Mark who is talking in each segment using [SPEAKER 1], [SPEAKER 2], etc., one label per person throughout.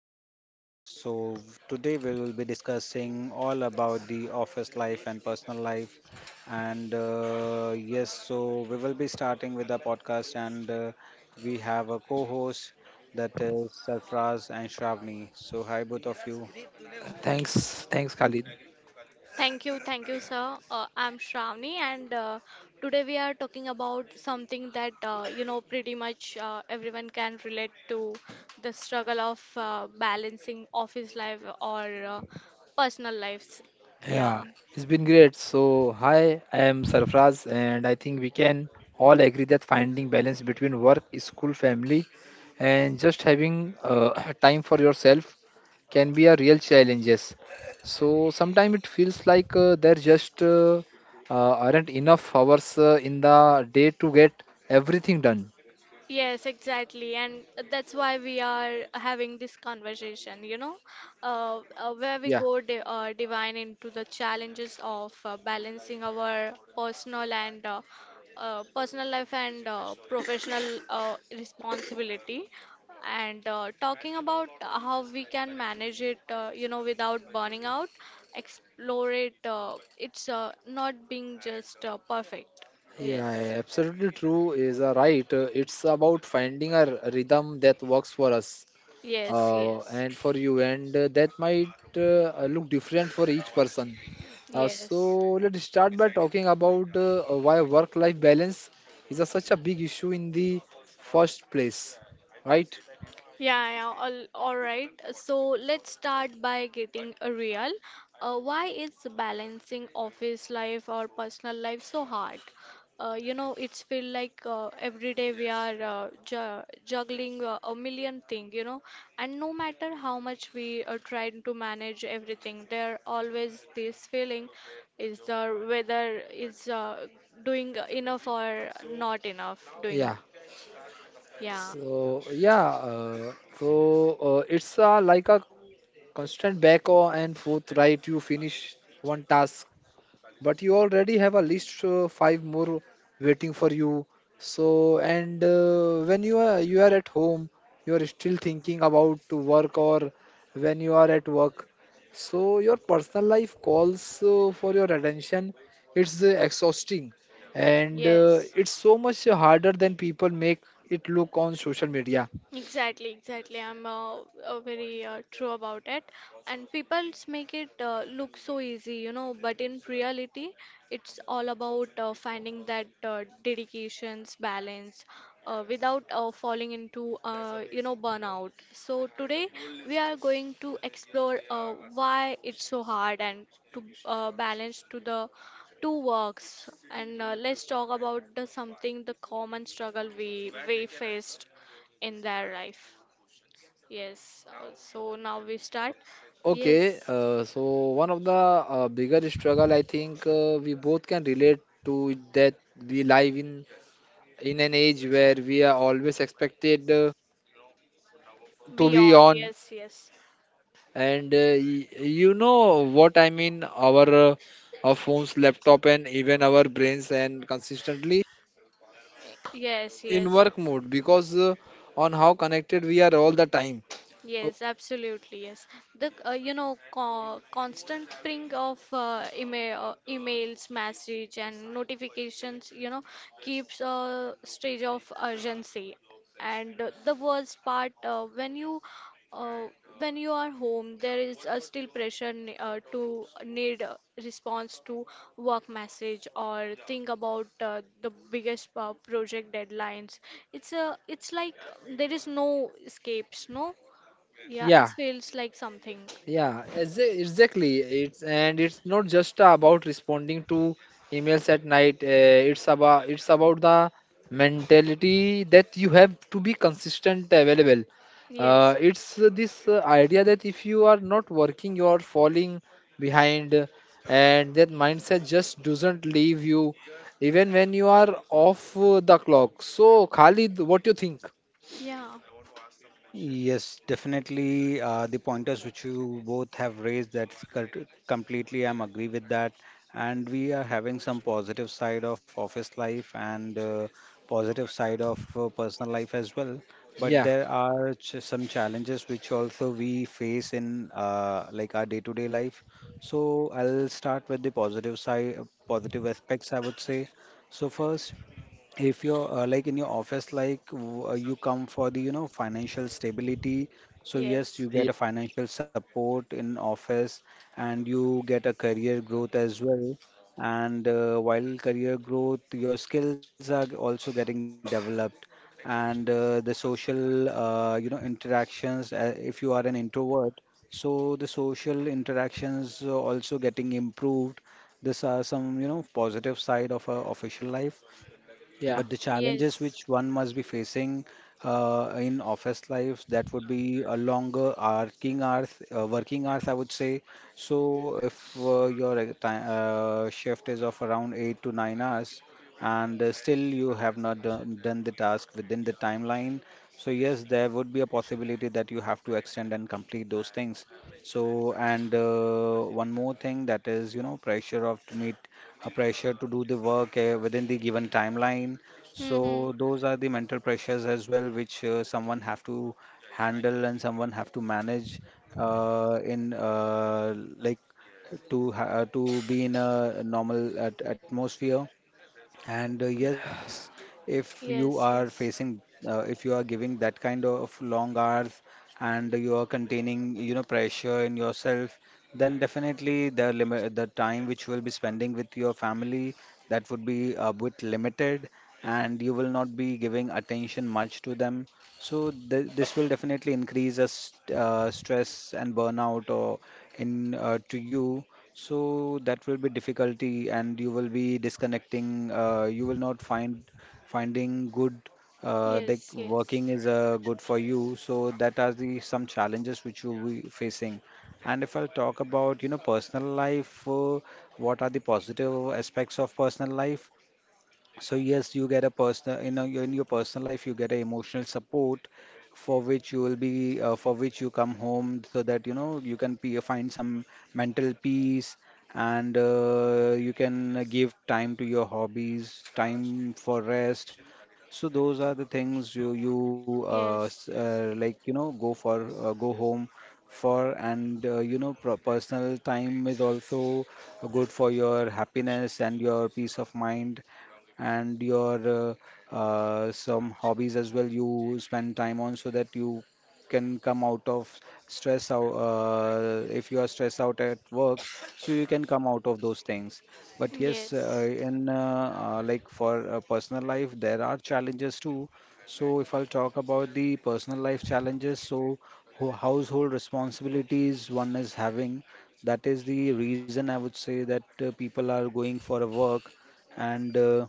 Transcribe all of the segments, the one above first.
[SPEAKER 1] podcast. So today we will be discussing all about the office life and personal life. And yes, so we will be starting with the podcast, and we have a co-host that is Sarfraz and Shravani. So hi both of you.
[SPEAKER 2] Thanks, Khalid.
[SPEAKER 3] Thank you, sir. I'm Shravani, and today we are talking about something that pretty much everyone can relate to the struggle of balancing office life or personal lives. Yeah.
[SPEAKER 2] Yeah, it's been great. So, hi, I am Sarfraz, and I think we can all agree that finding balance between work, school, family, and just having time for yourself can be a real challenge. Yes. So, sometimes it feels like there just aren't enough hours in the day to get everything done.
[SPEAKER 3] Yes, exactly. And that's why we are having this conversation, where we
[SPEAKER 2] Yeah,
[SPEAKER 3] go di divine into the challenges of balancing our personal and personal life and professional responsibility and talking about how we can manage it, without burning out, explore it. It's not being just perfect. Yes.
[SPEAKER 2] yeah, absolutely true is right. It's about finding a rhythm that works for us.
[SPEAKER 3] Yes, yes.
[SPEAKER 2] And for you, and that might look different for each person, so
[SPEAKER 3] Yes.
[SPEAKER 2] let's start by talking about why work life balance is such a big issue in the first place, right?
[SPEAKER 3] Yeah, yeah. All right. So let's start by getting real. Why is balancing office life or personal life so hard? It's feel like every day we are ju juggling a million thing, and no matter how much we are trying to manage everything, there always this feeling is the whether is doing enough or not enough doing.
[SPEAKER 2] Yeah,
[SPEAKER 3] Yeah.
[SPEAKER 2] so yeah, uh, so it's like a constant back and forth, right? You finish one task, but you already have at least five more waiting for you. So, and when you are at home, you are still thinking about to work, or when you are at work, so your personal life calls for your attention. It's exhausting, and
[SPEAKER 3] Yes.
[SPEAKER 2] it's so much harder than people make it look on social media.
[SPEAKER 3] Exactly, exactly. I'm very true about it. And people make it look so easy, but in reality, it's all about finding that dedications, balance, without falling into, burnout. So today we are going to explore why it's so hard and to balance to the two works. And let's talk about the something the common struggle we faced in their life. Yes. So now we start.
[SPEAKER 2] Okay,
[SPEAKER 3] Yes.
[SPEAKER 2] so one of the bigger struggle I think we both can relate to, that we live in an age where we are always expected to be
[SPEAKER 3] Beyond.
[SPEAKER 2] on,
[SPEAKER 3] Yes. Yes.
[SPEAKER 2] and you know what I mean, our phones, laptop, and even our brains, and consistently
[SPEAKER 3] Yes.
[SPEAKER 2] in
[SPEAKER 3] Yes.
[SPEAKER 2] work mode because on how connected we are all the time. Oh,
[SPEAKER 3] Yes, absolutely. Yes, the you know co constant ping of email, emails, message, and notifications. Keeps a stage of urgency. And the worst part, uh, when you are home, there is still pressure to need a response to work message or think about the biggest project deadlines. It's like there is no escapes, no. Yeah, it
[SPEAKER 2] yeah.
[SPEAKER 3] feels like something.
[SPEAKER 2] Yeah, exactly. It's, and it's not just about responding to emails at night. It's about, it's about the mentality that you have to be consistent available.
[SPEAKER 3] Yes,
[SPEAKER 2] It's
[SPEAKER 3] yes.
[SPEAKER 2] this idea that if you are not working, you are falling behind, and that mindset just doesn't leave you even when you are off the clock. So, Khalid, what do you think?
[SPEAKER 3] Yeah,
[SPEAKER 1] Yes, definitely. The pointers which you both have raised, that's completely, I'm agree with that. And we are having some positive side of office life and positive side of personal life as well. But
[SPEAKER 2] Yeah,
[SPEAKER 1] there are ch some challenges which also we face in like our day-to-day life. So I'll start with the positive side, positive aspects, I would say. So first, if you're like in your office, like you come for the financial stability, so yes,
[SPEAKER 3] yes,
[SPEAKER 1] you
[SPEAKER 2] yeah,
[SPEAKER 1] get a financial support in office, and you get a career growth as well. And while career growth, your skills are also getting developed, and the social interactions, if you are an introvert, so the social interactions are also getting improved. These are some positive side of a official life,
[SPEAKER 2] yeah,
[SPEAKER 1] but the challenges
[SPEAKER 3] yes.
[SPEAKER 1] which one must be facing in office life, that would be a longer working hours, I would say. So if your time, shift is of around 8 to 9 hours, and still you have not done the task within the timeline, so yes, there would be a possibility that you have to extend and complete those things. So, and one more thing that is, pressure of to meet a pressure to do the work within the given timeline.
[SPEAKER 3] Mm-hmm.
[SPEAKER 1] So those are the mental pressures as well, which someone have to handle and someone have to manage in to be in a normal atmosphere. And yes, if you are
[SPEAKER 3] Yes,
[SPEAKER 1] facing,
[SPEAKER 3] yes.
[SPEAKER 1] if you are giving that kind of long hours, and you are containing, pressure in yourself, then definitely the time which you will be spending with your family, that would be a bit limited, and you will not be giving attention much to them. So th this will definitely increase a st stress and burnout or in to you. So that will be difficulty, and you will be disconnecting. You will not finding good. Like
[SPEAKER 3] Yes, yes.
[SPEAKER 1] working is good for you. So that are the some challenges which you will be facing. And if I talk about personal life, what are the positive aspects of personal life? So yes, you get a personal, in your personal life, you get a emotional support, for which you come home, so that, you can pe find some mental peace, and you can give time to your hobbies, time for rest. So those are the things you, you uh, s-
[SPEAKER 3] Yes,
[SPEAKER 1] uh, like, go home for, and pro personal time is also good for your happiness and your peace of mind, and your some hobbies as well you spend time on, so that you can come out of stress out, if you are stressed out at work, so you can come out of those things. But yes,
[SPEAKER 3] yes.
[SPEAKER 1] in like for personal life, there are challenges too. So if I'll talk about the personal life challenges, so household responsibilities one is having, that is the reason I would say that people are going for a work, and uh,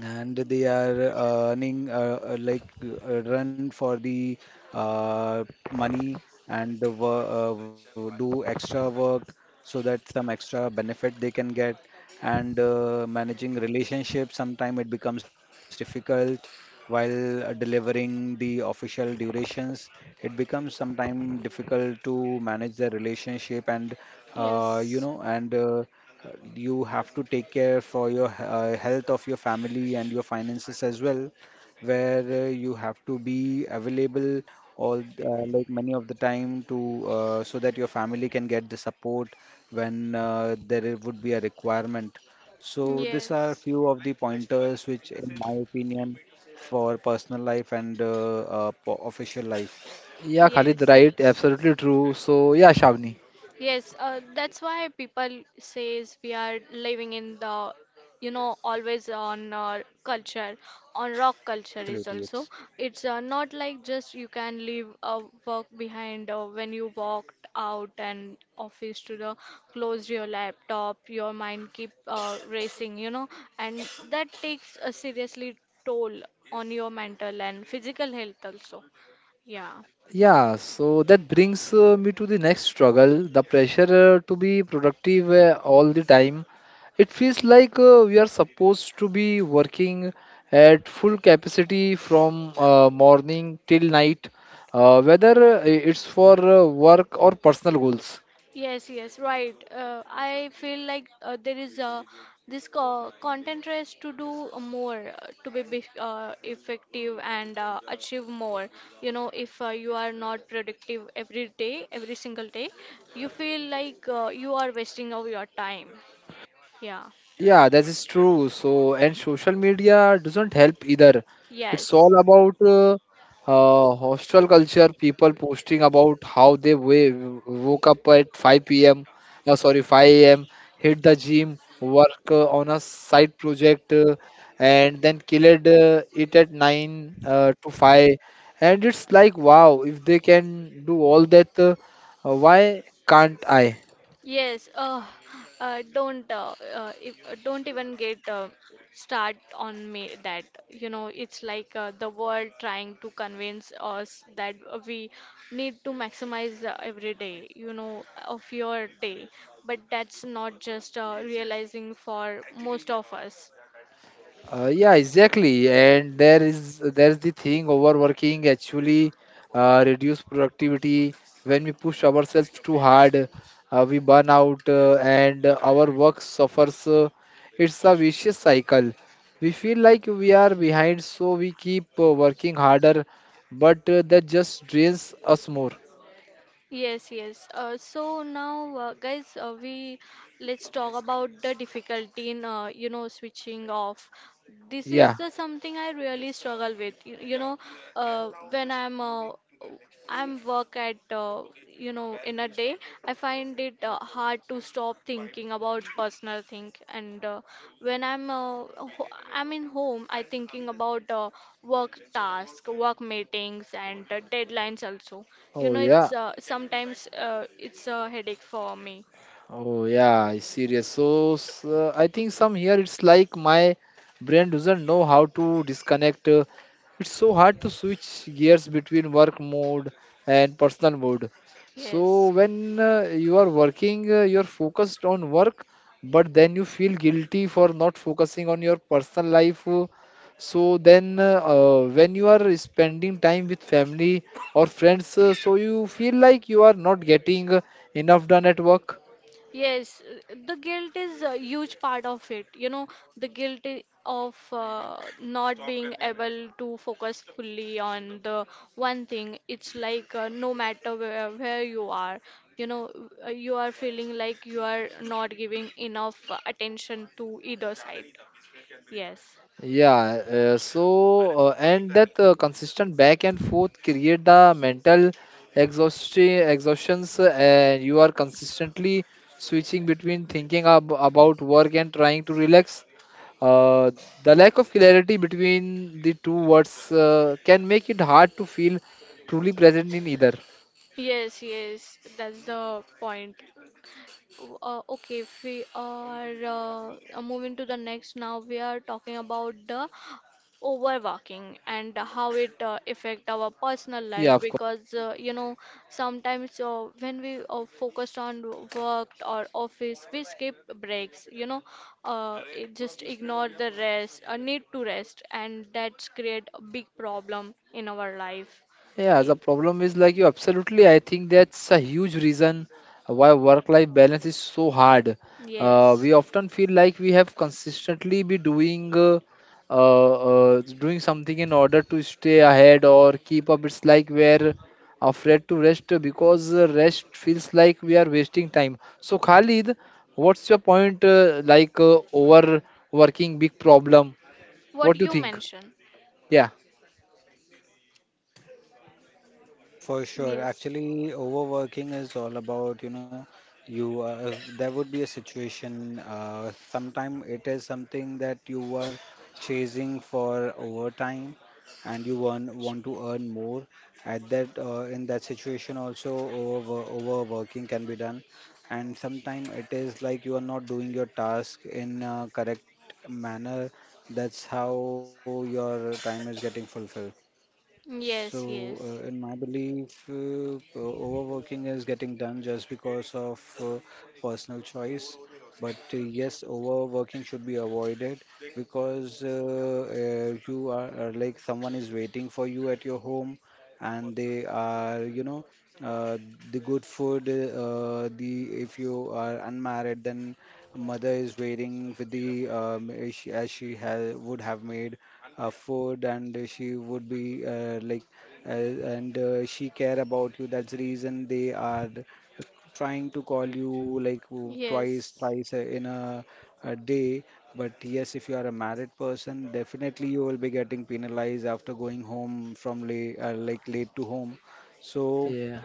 [SPEAKER 1] and they are earning like run for the uh, money, and do extra work, so that some extra benefit they can get. And managing relationships, sometimes it becomes difficult while delivering the official durations. It becomes sometimes difficult to manage the relationship and you
[SPEAKER 3] Yes,
[SPEAKER 1] know and You have to take care for your health of your family and your finances as well, where you have to be available all like many of the time, to so that your family can get the support when there would be a requirement. So these are
[SPEAKER 3] yes.
[SPEAKER 1] few of the pointers which, in my opinion, for personal life and official life.
[SPEAKER 2] yeah, Khalid,
[SPEAKER 3] Yes,
[SPEAKER 2] right?
[SPEAKER 3] yes.
[SPEAKER 2] Absolutely true. So, yeah, Shavni.
[SPEAKER 3] Yes, that's why people says we are living in the, always on culture, on rock culture is
[SPEAKER 1] Absolutely,
[SPEAKER 3] also.
[SPEAKER 1] yes.
[SPEAKER 3] It's not like just you can leave a work behind when you walked out and office to the close your laptop, your mind keep racing, and that takes a seriously toll on your mental and physical health also. Yeah.
[SPEAKER 2] Yeah, so that brings me to the next struggle, the pressure to be productive all the time. It feels like we are supposed to be working at full capacity from morning till night, whether it's for work or personal goals.
[SPEAKER 3] Yes, yes, right. I feel like there is this co content race to do more, to be bef effective and achieve more. If you are not productive every day, every single day, you feel like you are wasting of your time. Yeah.
[SPEAKER 2] Yeah, that is true. So, and social media doesn't help either. It's
[SPEAKER 3] Yes.
[SPEAKER 2] all about hostel culture, people posting about how they woke up at 5 p.m., sorry, 5 a.m., hit the gym, work on a side project, and then killed it at 9 to 5. And it's like, wow, if they can do all that, why can't I?
[SPEAKER 3] Yes, don't if, don't even get start on me that it's like the world trying to convince us that we need to maximize every day of your day, but that's not just realizing for most of us.
[SPEAKER 2] Yeah, exactly. And there is, there is the thing, overworking actually reduce productivity. When we push ourselves too hard, we burn out and our work suffers. It's a vicious cycle. We feel like we are behind, so we keep working harder, but that just drains us more.
[SPEAKER 3] Yes, yes. So now, guys, we let's talk about the difficulty in switching off. This is
[SPEAKER 2] Yeah.
[SPEAKER 3] the something I really struggle with you, you know when I'm work at in a day I find it hard to stop thinking about personal thing and when I'm in home I thinking about work task work meetings and deadlines also.
[SPEAKER 2] Oh,
[SPEAKER 3] It's
[SPEAKER 2] yeah.
[SPEAKER 3] sometimes it's a headache for me.
[SPEAKER 2] Oh yeah, it's serious. So I think some here it's like my brain doesn't know how to disconnect. It's so hard to switch gears between work mode and personal mode. So
[SPEAKER 3] Yes.
[SPEAKER 2] when you are working, you're focused on work, but then you feel guilty for not focusing on your personal life. So then when you are spending time with family or friends, so you feel like you are not getting enough done at work.
[SPEAKER 3] Yes, the guilt is a huge part of it. The guilt of not being able to focus fully on the one thing. It's like no matter where you are, you know, you are feeling like you are not giving enough attention to either side. Yes.
[SPEAKER 2] Yeah, so and that consistent back and forth create the mental exhaustions, and you are consistently switching between thinking ab about work and trying to relax. Uh, the lack of clarity between the two words can make it hard to feel truly present in either.
[SPEAKER 3] Yes, yes, that's the point. Okay, if we are moving to the next. Now we are talking about the overworking and how it affect our personal life
[SPEAKER 2] Yeah, of course.
[SPEAKER 3] because sometimes when we are focused on work or office we skip breaks. It just ignore the rest need to rest and that's create a big problem in our life.
[SPEAKER 2] Yeah, the problem is like you absolutely. I think that's a huge reason why work-life balance is so hard.
[SPEAKER 3] Yes.
[SPEAKER 2] We often feel like we have consistently be doing uh, doing something in order to stay ahead or keep up. It's like we're afraid to rest because rest feels like we are wasting time. So, Khalid, what's your point? Like overworking, big problem.
[SPEAKER 3] What
[SPEAKER 2] What do you
[SPEAKER 3] you
[SPEAKER 2] think?
[SPEAKER 3] mentioned.
[SPEAKER 2] Yeah,
[SPEAKER 1] So for sure,
[SPEAKER 3] Yes,
[SPEAKER 1] actually, overworking is all about, you there would be a situation. Sometime it is something that you were chasing for overtime, and you want to earn more. At that In that situation, also overworking can be done, and sometime it is like you are not doing your task in a correct manner. That's how your time is getting fulfilled.
[SPEAKER 3] yes.
[SPEAKER 1] So,
[SPEAKER 3] Yes.
[SPEAKER 1] in my belief, overworking is getting done just because of personal choice. But yes, overworking should be avoided, because you are like someone is waiting for you at your home, and they are, uh, the good food. The if you are unmarried, then mother is waiting, with the as she has would have made food, and she would be like, and she care about you. That's the reason they are trying to call you, like twice
[SPEAKER 3] Yes.
[SPEAKER 1] twice in a day. But yes, if you are a married person, definitely you will be getting penalized after going home from late like late to home. So
[SPEAKER 2] yeah,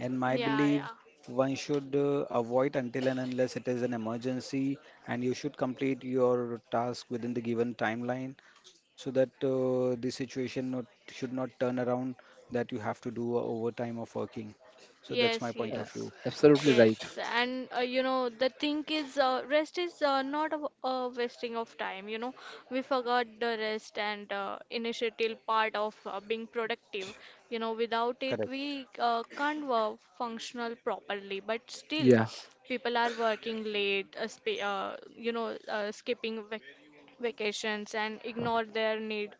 [SPEAKER 1] in my
[SPEAKER 3] Yeah, yeah.
[SPEAKER 1] belief, one should avoid until and unless it is an emergency, and you should complete your task within the given timeline, so that the situation not, should not turn around, that you have to do a overtime of working. So that's my
[SPEAKER 3] Yes,
[SPEAKER 1] point of view.
[SPEAKER 3] yes,
[SPEAKER 2] absolutely right.
[SPEAKER 3] yes. And the thing is, rest is not a wasting of time. We forgot the rest and initiative part of being productive. Without it,
[SPEAKER 1] Correct.
[SPEAKER 3] we can't work functional properly. But still,
[SPEAKER 2] Yeah.
[SPEAKER 3] people are working late, skipping vacations and ignore their need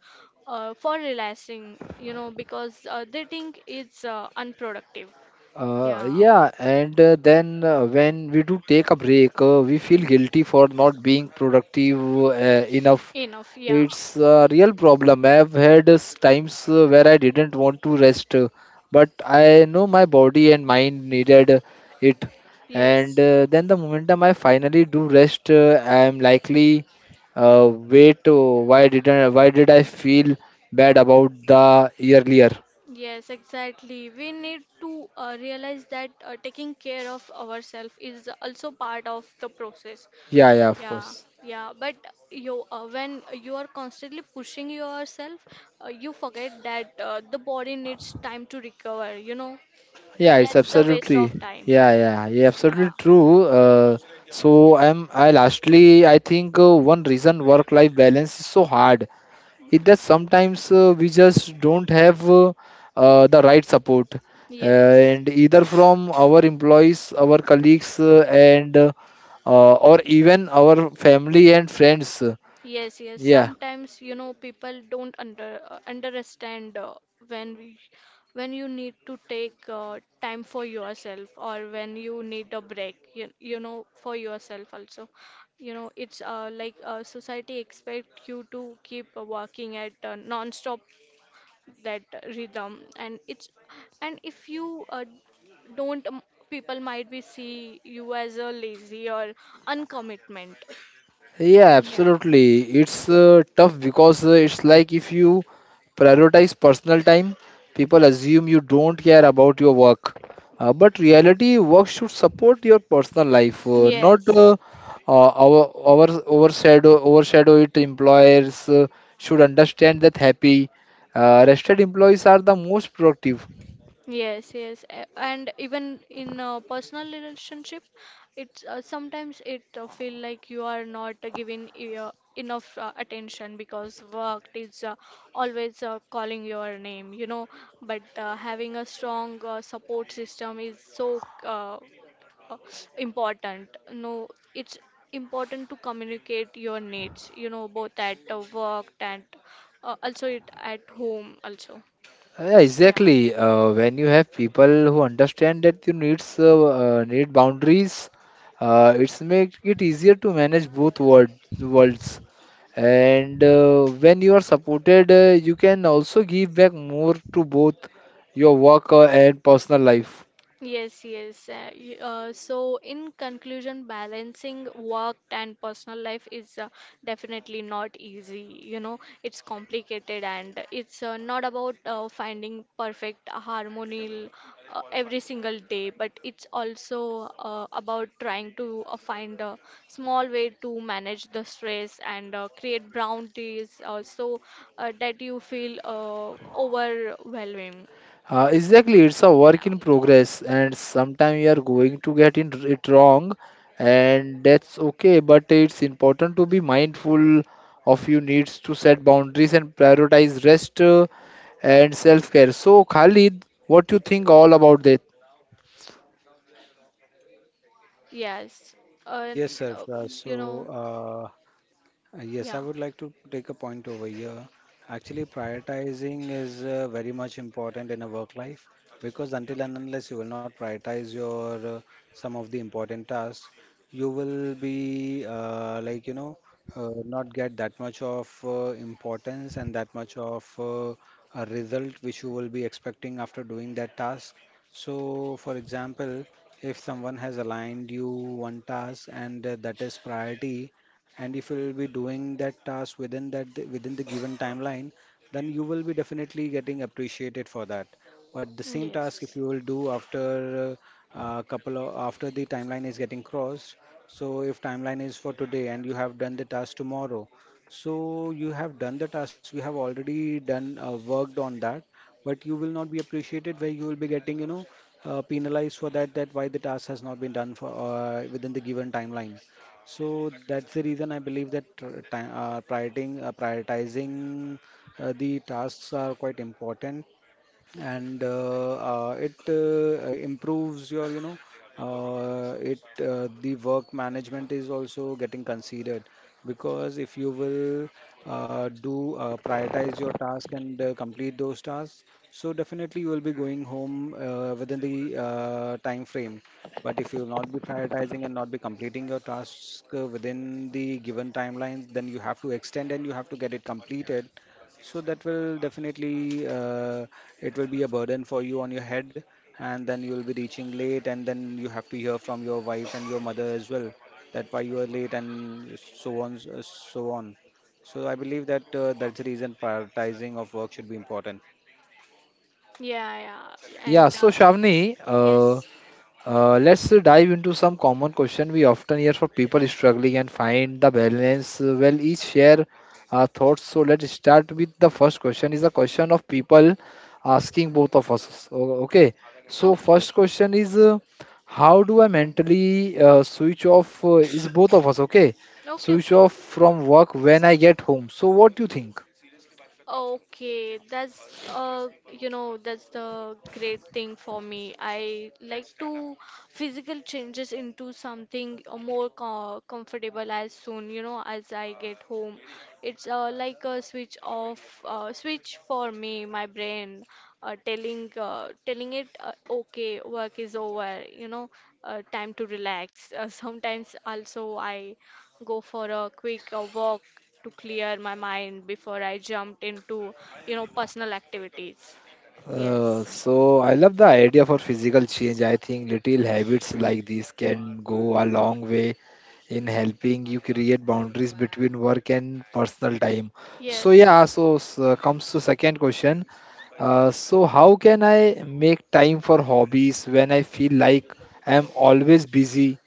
[SPEAKER 3] for relaxing. Because they think it's unproductive. Yeah,
[SPEAKER 2] Yeah, and then when we do take a break, we feel guilty for not being productive enough.
[SPEAKER 3] enough. Yeah,
[SPEAKER 2] It's a real problem. I've had times where I didn't want to rest, but I know my body and mind needed it. And
[SPEAKER 3] yes,
[SPEAKER 2] then the momentum I finally do rest, I'm likely, wait, oh, why didn't, why did I feel bad about the earlier?
[SPEAKER 3] yes, exactly. We need to realize that taking care of ourselves is also part of the process.
[SPEAKER 2] Yeah, yeah, of
[SPEAKER 3] Yeah,
[SPEAKER 2] course.
[SPEAKER 3] yeah, but you when you are constantly pushing yourself, you forget that the body needs time to recover,
[SPEAKER 2] Yeah, it's
[SPEAKER 3] that's the waste of
[SPEAKER 2] absolutely.
[SPEAKER 3] time.
[SPEAKER 2] Yeah, yeah, yeah,
[SPEAKER 3] Yeah,
[SPEAKER 2] absolutely true. So I'm I lastly I think one reason work-life balance is so hard is that sometimes we just don't have the right support,
[SPEAKER 3] yes,
[SPEAKER 2] and either from our employees, our colleagues, and or even our family and friends.
[SPEAKER 3] yes, yes.
[SPEAKER 2] Yeah.
[SPEAKER 3] Sometimes, people don't understand when when you need to take time for yourself or when you need a break, for yourself also. It's like society expect you to keep working at non-stop that rhythm, and it's and if you don't, people might be see you as a lazy or uncommitment.
[SPEAKER 2] Yeah,
[SPEAKER 3] Yeah.
[SPEAKER 2] absolutely. It's tough because it's like if you prioritize personal time, people assume you don't care about your work. But reality, work should support your personal life, uh, not uh,
[SPEAKER 3] Yes.
[SPEAKER 2] uh, our our overshadow overshadow it. Employers should understand that happy, rested employees are the most productive.
[SPEAKER 3] Yes, yes, and even in a personal relationship, it's sometimes it feel like you are not giving enough attention because work is always calling your name, But having a strong support system is so uh, important. No, it's important to communicate your needs, both at work and also it at home also.
[SPEAKER 2] Yeah,
[SPEAKER 3] Yeah.
[SPEAKER 2] exactly. When you have people who understand that you needs need boundaries, it's make it easier to manage both worlds. And when you are supported, you can also give back more to both your work and personal life.
[SPEAKER 3] Yes, yes. So, in conclusion, balancing work and personal life is definitely not easy. It's complicated and it's not about finding perfect harmony every single day, but it's also about trying to find a small way to manage the stress and create boundaries so that you feel overwhelming.
[SPEAKER 2] Exactly, it's a
[SPEAKER 3] Yeah.
[SPEAKER 2] work in progress, and sometimes you are going to get in it wrong, and that's okay. But it's important to be mindful of your needs to set boundaries and prioritize rest and self care. So, Khalid, what do you think all about that?
[SPEAKER 3] Yes. Uh,
[SPEAKER 1] Yes, sir.
[SPEAKER 3] uh,
[SPEAKER 1] So,
[SPEAKER 3] you know,
[SPEAKER 1] yes,
[SPEAKER 3] yeah.
[SPEAKER 1] I would like to take a point over here. Actually, prioritizing is very much important in a work life, because until and unless you will not prioritize your some of the important tasks, you will be like, not get that much of importance and that much of a result which you will be expecting after doing that task. So, for example, if someone has aligned you one task, and that is priority, and if you'll be doing that task within the given timeline, then you will be definitely getting appreciated for that. But the same task, if
[SPEAKER 3] Yes.
[SPEAKER 1] you will do after a couple of, after the timeline is getting crossed, so if timeline is for today and you have done the task tomorrow, so you have done the task, you have already done worked on that, but you will not be appreciated, where you will be getting, penalized for that, that why the task has not been done for within the given timeline. So that's the reason I believe that prioritizing the tasks are quite important, and it improves your you know it the work management is also getting considered, because if you will do prioritize your task and complete those tasks, so definitely you will be going home within the time frame. But if you will not be prioritizing and not be completing your task within the given timelines, then you have to extend and you have to get it completed. So that will definitely, it will be a burden for you on your head, and then you will be reaching late, and then you have to hear from your wife and your mother as well, that why you are late and so on. So I believe that's the reason prioritizing of work should be important.
[SPEAKER 3] Yeah, yeah. And
[SPEAKER 2] Yeah, so Shavni,
[SPEAKER 3] yes.
[SPEAKER 2] Let's dive into some common question we often hear for people struggling and find the balance. Well, each share our thoughts. So let's start with the first question. Is a question of people asking both of us. So, okay. So
[SPEAKER 3] Okay.
[SPEAKER 2] first question is, how do I mentally switch off? Is both of us okay?
[SPEAKER 3] Okay,
[SPEAKER 2] Switch
[SPEAKER 3] okay.
[SPEAKER 2] off from work when I get home. So what do you think?
[SPEAKER 3] Okay, that's that's the great thing for me. I like to physical changes into something more co comfortable as soon, as I get home. It's like a switch off, switch for me, my brain, telling it, okay, work is over, time to relax. Sometimes also I go for a quick walk to clear my mind before I jumped into, personal activities. Yes.
[SPEAKER 2] So I love the idea for physical change. I think little habits like this can go a long way in helping you create boundaries between work and personal time. So
[SPEAKER 3] Yes.
[SPEAKER 2] yeah, so comes to second question. So how can I make time for hobbies when I feel like I'm always busy?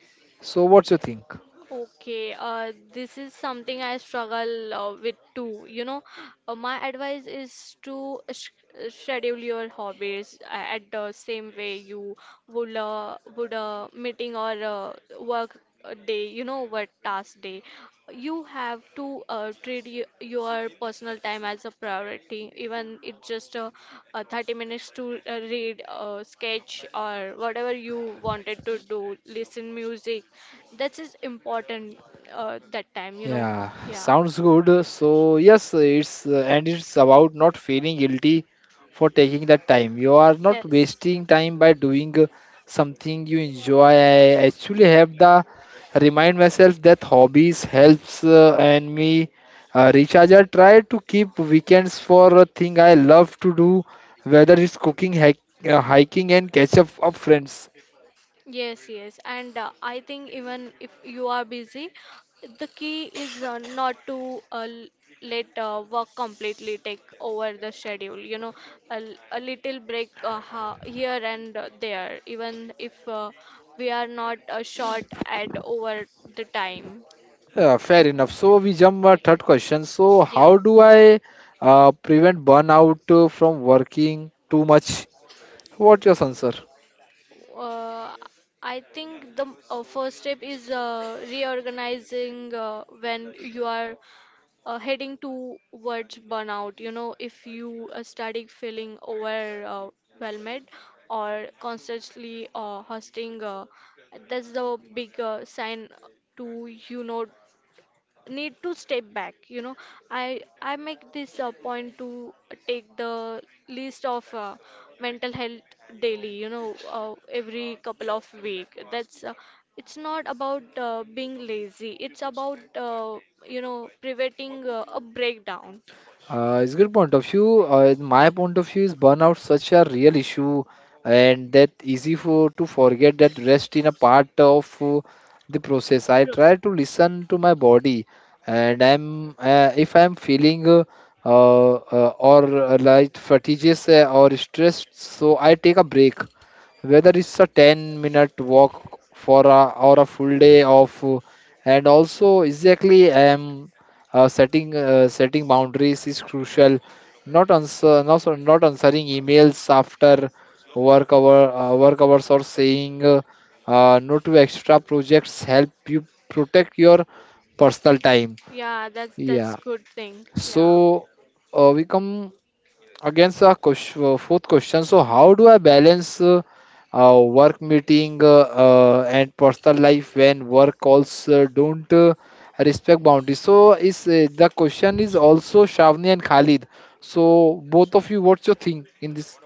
[SPEAKER 2] So what's your think?
[SPEAKER 3] Okay, this is something I struggle with too. My advice is to sh schedule your hobbies at the same way you would a meeting or work day. Work task day. You have to treat your personal time as a priority, even it's just 30 minutes to read, sketch, or whatever you wanted to do, listen music. That is important that time,
[SPEAKER 2] Yeah,
[SPEAKER 3] Yeah.
[SPEAKER 2] sounds good. So yes, it's and it's about not feeling guilty for taking that time. You are not
[SPEAKER 3] Yes.
[SPEAKER 2] wasting time by doing something you enjoy. I actually have the remind myself that hobbies helps and me recharge. I try to keep weekends for a thing I love to do, whether it's cooking, hiking, and catch up of friends.
[SPEAKER 3] Yes, yes, and I think even if you are busy, the key is not to let work completely take over the schedule. A little break ha here and there, even if we are not short at over the time.
[SPEAKER 2] Fair enough. So we jump our
[SPEAKER 3] Yeah,
[SPEAKER 2] third question. So how do I prevent burnout from working too much? What's your answer?
[SPEAKER 3] yeah. I think the first step is reorganizing when you are heading towards burnout. If you are starting feeling overwhelmed or constantly hosting, that's the big sign to need to step back. I make this a point to take the list of mental health daily. Every couple of week that's it's not about being lazy it's about preventing a breakdown.
[SPEAKER 2] It's good point of view. In my point of view is burnout such a real issue and that easy for to forget that rest in a part of the process. I
[SPEAKER 3] Pros-
[SPEAKER 2] try to listen to my body, and I'm if I'm feeling or like fatigues or stressed, so I take a break whether it's a 10-minute walk for a or a full day of and also exactly setting setting boundaries is crucial, not answer not, so- not answering emails after work hours, or saying no to extra projects, help you protect your personal time.
[SPEAKER 3] yeah that's
[SPEAKER 2] Yeah,
[SPEAKER 3] good thing. Yeah.
[SPEAKER 2] so we come against the question, fourth question. So how do I balance work meeting and personal life when work calls don't respect boundaries? So is the question is also Shavni and Khalid. So both of you, what's your thing in this?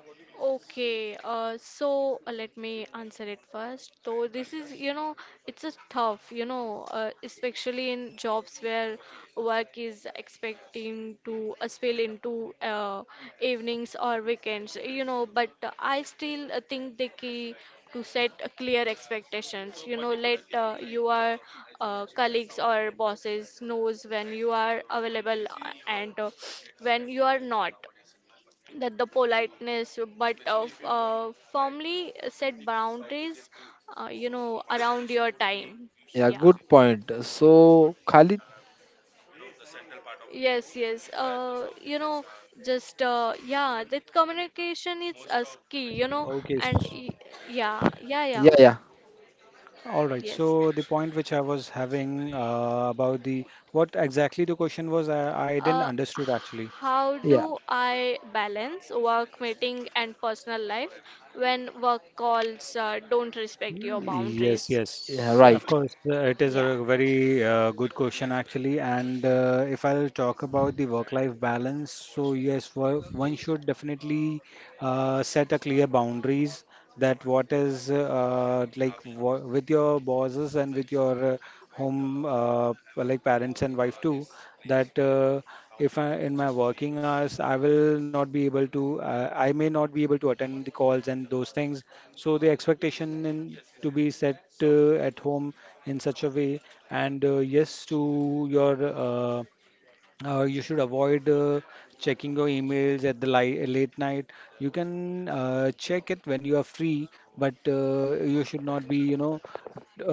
[SPEAKER 3] Okay, so let me answer it first. So this is, it's a tough, especially in jobs where work is expecting to spill into evenings or weekends, But I still think the key to set clear expectations, you know, let your colleagues or bosses knows when you are available and when you are not, that the politeness but of firmly set boundaries, you know, around your time.
[SPEAKER 2] Yeah,
[SPEAKER 3] Yeah,
[SPEAKER 2] good point, so Khalid.
[SPEAKER 3] yes, yes, just yeah, that communication is a key, you know.
[SPEAKER 1] Okay.
[SPEAKER 3] and y- yeah, yeah, yeah,
[SPEAKER 2] Yeah, yeah,
[SPEAKER 1] All right.
[SPEAKER 3] yes,
[SPEAKER 1] So the point which I was having about the what exactly the question was, I didn't
[SPEAKER 3] uh,
[SPEAKER 1] understood actually.
[SPEAKER 3] how
[SPEAKER 2] yeah,
[SPEAKER 3] do I balance work meeting and personal life when work calls don't respect your
[SPEAKER 1] Yes,
[SPEAKER 3] boundaries?
[SPEAKER 2] yeah,
[SPEAKER 1] yes, of
[SPEAKER 2] right.
[SPEAKER 1] course. It is
[SPEAKER 3] Yeah.
[SPEAKER 1] a very good question, actually. And if I'll talk about the work-life balance, so yes, one should definitely set a clear boundaries, that what is like, wha with your bosses and with your home, like parents and wife too, that if I in my working hours, I will not be able to I may not be able to attend the calls and those things. So the expectation to be set at home in such a way, and yes, to your uh, you should avoid checking your emails at the li late night. You can check it when you are free, but you should not be, you know,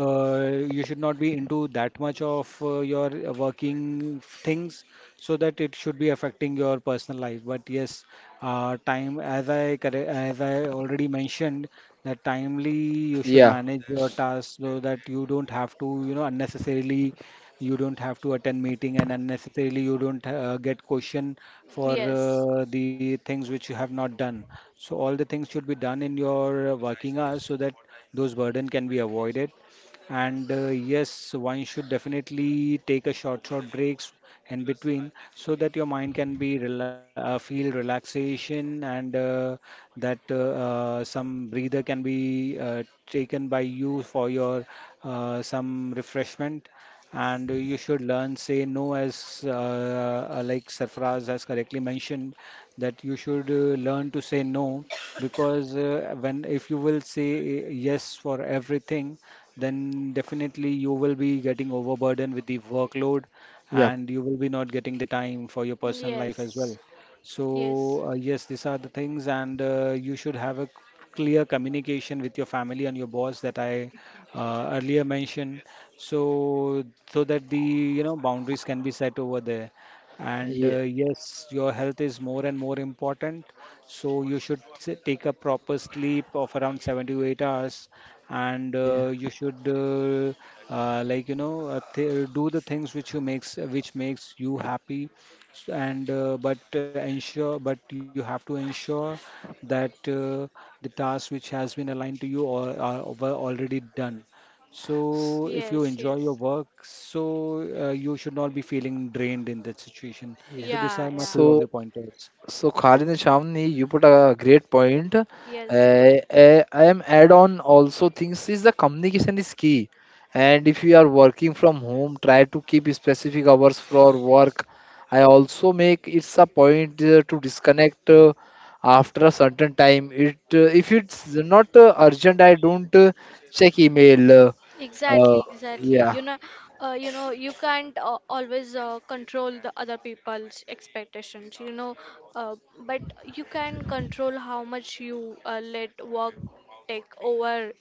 [SPEAKER 1] you should not be into that much of your working things, so that it should be affecting your personal life. But yes, time, as I already mentioned, that timely you should
[SPEAKER 2] Yeah,
[SPEAKER 1] manage your tasks, so that you don't have to, unnecessarily, you don't have to attend meeting, and unnecessarily you don't get question for
[SPEAKER 3] Yes.
[SPEAKER 1] the things which you have not done. So all the things should be done in your working hours, so that those burden can be avoided. And yes, one should definitely take a short, short breaks in between, so that your mind can be rela feel relaxation, and that some breather can be taken by you for your some refreshment, and you should learn say no, as like Sarfaraz has correctly mentioned, that you should learn to say no, because when if you will say yes for everything, then definitely you will be getting overburdened with the workload,
[SPEAKER 2] yeah,
[SPEAKER 1] and you will be not getting the time for your personal life as well.
[SPEAKER 3] Yes, yes,
[SPEAKER 1] So, yes, these are the things, and you should have a clear communication with your family and your boss that I earlier mentioned, so so that the boundaries can be set over there. And
[SPEAKER 2] yeah,
[SPEAKER 1] yes, your health is more and more important, so you should take a proper sleep of around 7 to 8 hours, and
[SPEAKER 2] yeah.
[SPEAKER 1] you should like, you know th do the things which makes you happy. S- and but ensure But you have to ensure that the tasks which has been aligned to you or are were already done, so
[SPEAKER 2] S-
[SPEAKER 1] if you
[SPEAKER 3] yes,
[SPEAKER 1] enjoy your
[SPEAKER 3] yes.
[SPEAKER 1] work, so you should not be feeling drained in that situation.
[SPEAKER 2] yeah,
[SPEAKER 1] So these
[SPEAKER 3] Yeah,
[SPEAKER 1] are my
[SPEAKER 3] yeah.
[SPEAKER 1] few of
[SPEAKER 2] so,
[SPEAKER 1] the pointers.
[SPEAKER 2] so, Khalid and Shamni, you put a great point.
[SPEAKER 3] Yes,
[SPEAKER 2] I am add on also things is the communication is key. And if you are working from home, try to keep specific hours for work. I also make it's a point to disconnect after a certain time. It if it's not urgent, I don't check email. Uh,
[SPEAKER 3] exactly, exactly.
[SPEAKER 2] yeah,
[SPEAKER 3] You know, you know, you can't always control the other people's expectations, you know, uh, but you can control how much you let work take over,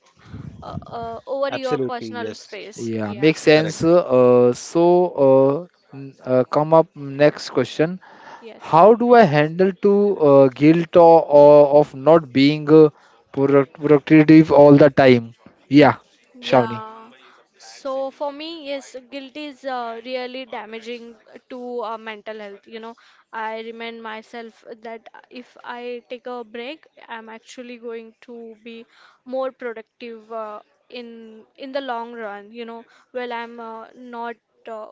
[SPEAKER 3] over your personal space.
[SPEAKER 2] yeah,
[SPEAKER 3] Yeah.
[SPEAKER 2] makes sense.
[SPEAKER 1] Correct.
[SPEAKER 2] So uh, come up next question.
[SPEAKER 3] Yes.
[SPEAKER 2] How do I handle to guilt or of not being productive all the time? Yeah, Shavni.
[SPEAKER 3] Yeah. So for me, yes, guilt is really damaging to mental health. You know, I remind myself that if I take a break, I'm actually going to be more productive in the long run. You know, while I'm not uh,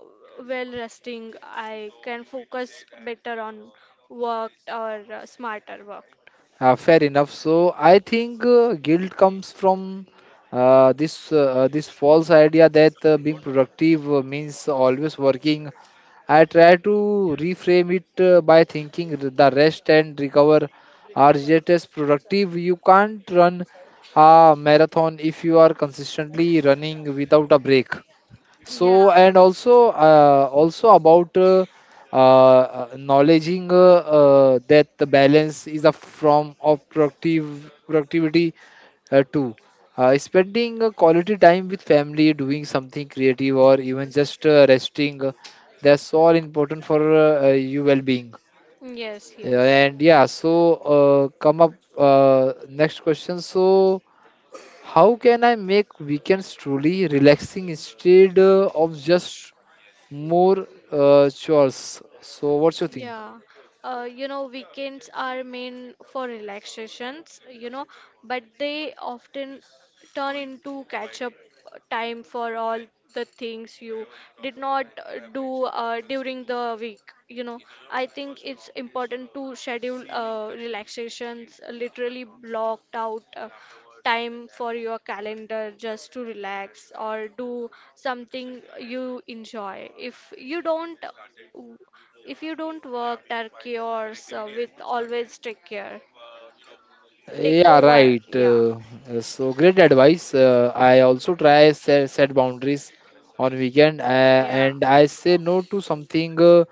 [SPEAKER 3] well resting, I can focus better on work or smarter work.
[SPEAKER 2] Fair enough. So I think guilt comes from uh, this uh, this false idea that being productive means always working. I try to reframe it by thinking the rest and recover are just as productive. You can't run a marathon if you are consistently running without a break.
[SPEAKER 3] Yeah.
[SPEAKER 2] So, and also, also about acknowledging that the balance is a form of productive productivity too. Spending quality time with family, doing something creative, or even just resting, that's all important for your well-being.
[SPEAKER 3] Yes,
[SPEAKER 2] Yeah,
[SPEAKER 3] yes.
[SPEAKER 2] and yeah, so come up next question. So, how can I make weekends truly relaxing instead of just more chores? So, what's your think?
[SPEAKER 3] Yeah, you know, weekends are meant for relaxations, you know, but they often turn into catch up time for all the things you did not do during the week, you know. I think it's important to schedule relaxations, literally blocked out time for your calendar just to relax or do something you enjoy if you don't w- if you don't work turkey or with, always take care, take
[SPEAKER 2] Yeah,
[SPEAKER 3] over.
[SPEAKER 2] right.
[SPEAKER 3] Yeah,
[SPEAKER 2] So, great advice. I also try set boundaries on weekend,
[SPEAKER 3] yeah.
[SPEAKER 2] and I say no to something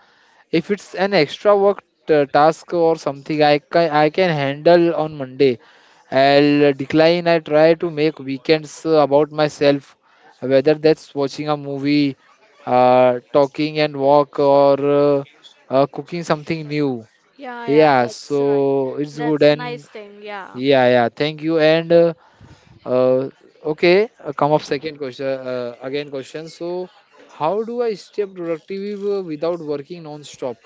[SPEAKER 2] if it's an extra work task or something I can handle on Monday. I'll decline. I try to make weekends about myself, whether that's watching a movie, talking and walk, or cooking something new.
[SPEAKER 3] Yeah, yeah,
[SPEAKER 2] Yeah,
[SPEAKER 3] that's right.
[SPEAKER 2] so it's good
[SPEAKER 3] That's nice
[SPEAKER 2] and
[SPEAKER 3] thing, yeah.
[SPEAKER 2] yeah, yeah. Thank you. And uh, okay, come up second question again question. So how do I stay productive without working non-stop?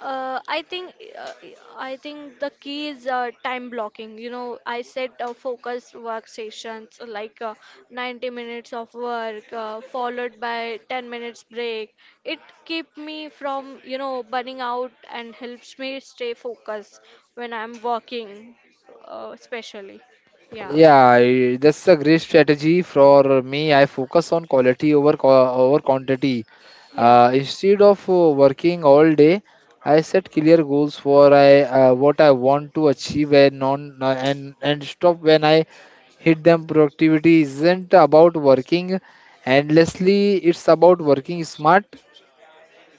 [SPEAKER 3] Uh, I think uh, I think the key is time blocking. You know, I set focused work sessions like 90 minutes of work followed by 10 minutes break. It keep me from, you know, burning out and helps me stay focused when I'm working, especially. Yeah.
[SPEAKER 2] Yeah, that's a great strategy for me. I focus on quality over over quantity.
[SPEAKER 3] Yeah.
[SPEAKER 2] Instead of working all day, I set clear goals for I what I want to achieve, and non and stop when I hit them. Productivity isn't about working endlessly, it's about working smart.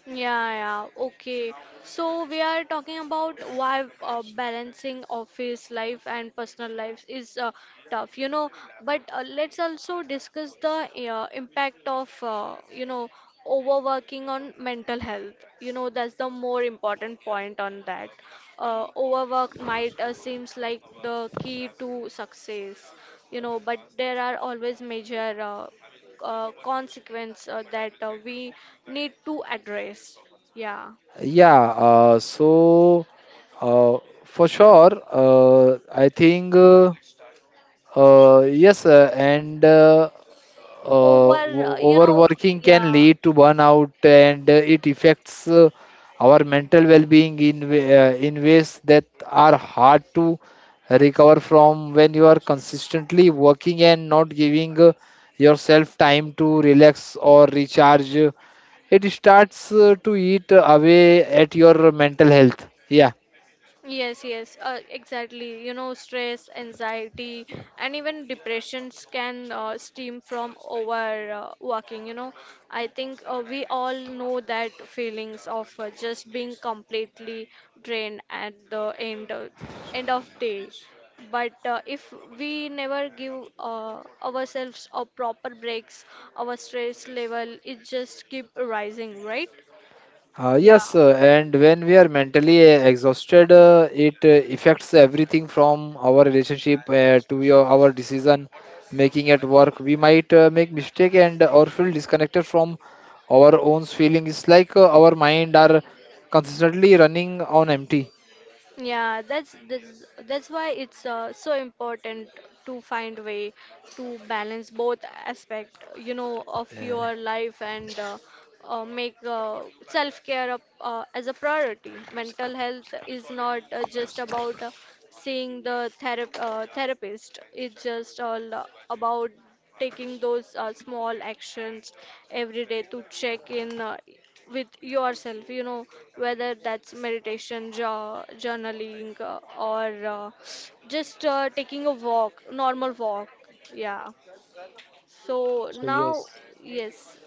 [SPEAKER 3] Yeah, yeah, okay. So we are talking about why balancing office life and personal life is tough, you know. But let's also discuss the impact of, you know, overworking on mental health. You know, that's the more important point on that. Overwork might seems like the key to success, you know, but there are always major consequence that we need to address. Yeah,
[SPEAKER 2] Yeah, so uh, for
[SPEAKER 3] yeah.
[SPEAKER 2] sure I think yes,
[SPEAKER 3] Over, you know,
[SPEAKER 2] overworking can
[SPEAKER 3] yeah.
[SPEAKER 2] lead to burnout, and it affects our mental well-being in in ways that are hard to recover from when you are consistently working and not giving yourself time to relax or recharge. It starts to eat away at your mental health. Yeah.
[SPEAKER 3] Yes, yes, exactly. You know, stress, anxiety, and even depressions can stem from over working. You know, I think we all know that feelings of just being completely drained at the end of day. But if we never give ourselves a proper breaks, our stress level it just keep rising, right? Yeah.
[SPEAKER 2] Yes, and when we are mentally exhausted, it affects everything from our relationship to our decision making at work. We might make mistake, and or feel disconnected from our own feelings. It's like our mind are consistently running on empty.
[SPEAKER 3] Yeah, that's why it's so important to find way to balance both aspect, you know, of your life and make self care as a priority. Mental health is not just about seeing the therapist, it's just all about taking those small actions every day to check in with yourself, you know, whether that's meditation, journaling, or just taking a walk, normal walk. Yeah. So
[SPEAKER 1] So
[SPEAKER 3] now,
[SPEAKER 1] yes.
[SPEAKER 3] yes,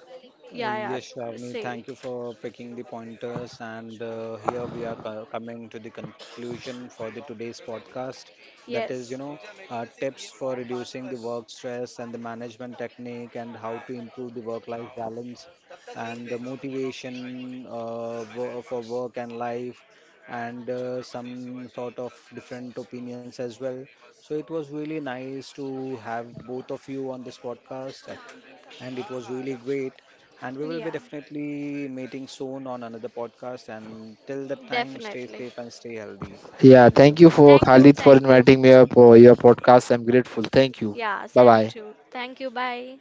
[SPEAKER 3] yeah,
[SPEAKER 1] Yes,
[SPEAKER 3] yeah,
[SPEAKER 1] Shravani,
[SPEAKER 3] say,
[SPEAKER 1] thank you for picking the pointers. And here we are coming to the conclusion for the today's podcast. That is,
[SPEAKER 3] yes,
[SPEAKER 1] tips for reducing the work stress and the management technique, and how to improve the work-life balance and the motivation for work and life, and some sort of different opinions as well. So it was really nice to have both of you on this podcast, and it was really great. And we will be
[SPEAKER 3] yeah,
[SPEAKER 1] definitely meeting soon on another podcast. And till that time, stay
[SPEAKER 3] definitely.
[SPEAKER 1] safe and stay healthy.
[SPEAKER 2] Yeah,
[SPEAKER 1] Thank
[SPEAKER 2] thank
[SPEAKER 1] you.
[SPEAKER 2] you for
[SPEAKER 3] Thank you,
[SPEAKER 2] Khalid for
[SPEAKER 3] thank you.
[SPEAKER 2] inviting me up for your podcast. I'm grateful. Thank you.
[SPEAKER 3] Yeah,
[SPEAKER 2] Bye
[SPEAKER 3] same
[SPEAKER 2] bye.
[SPEAKER 3] too. Thank you, bye.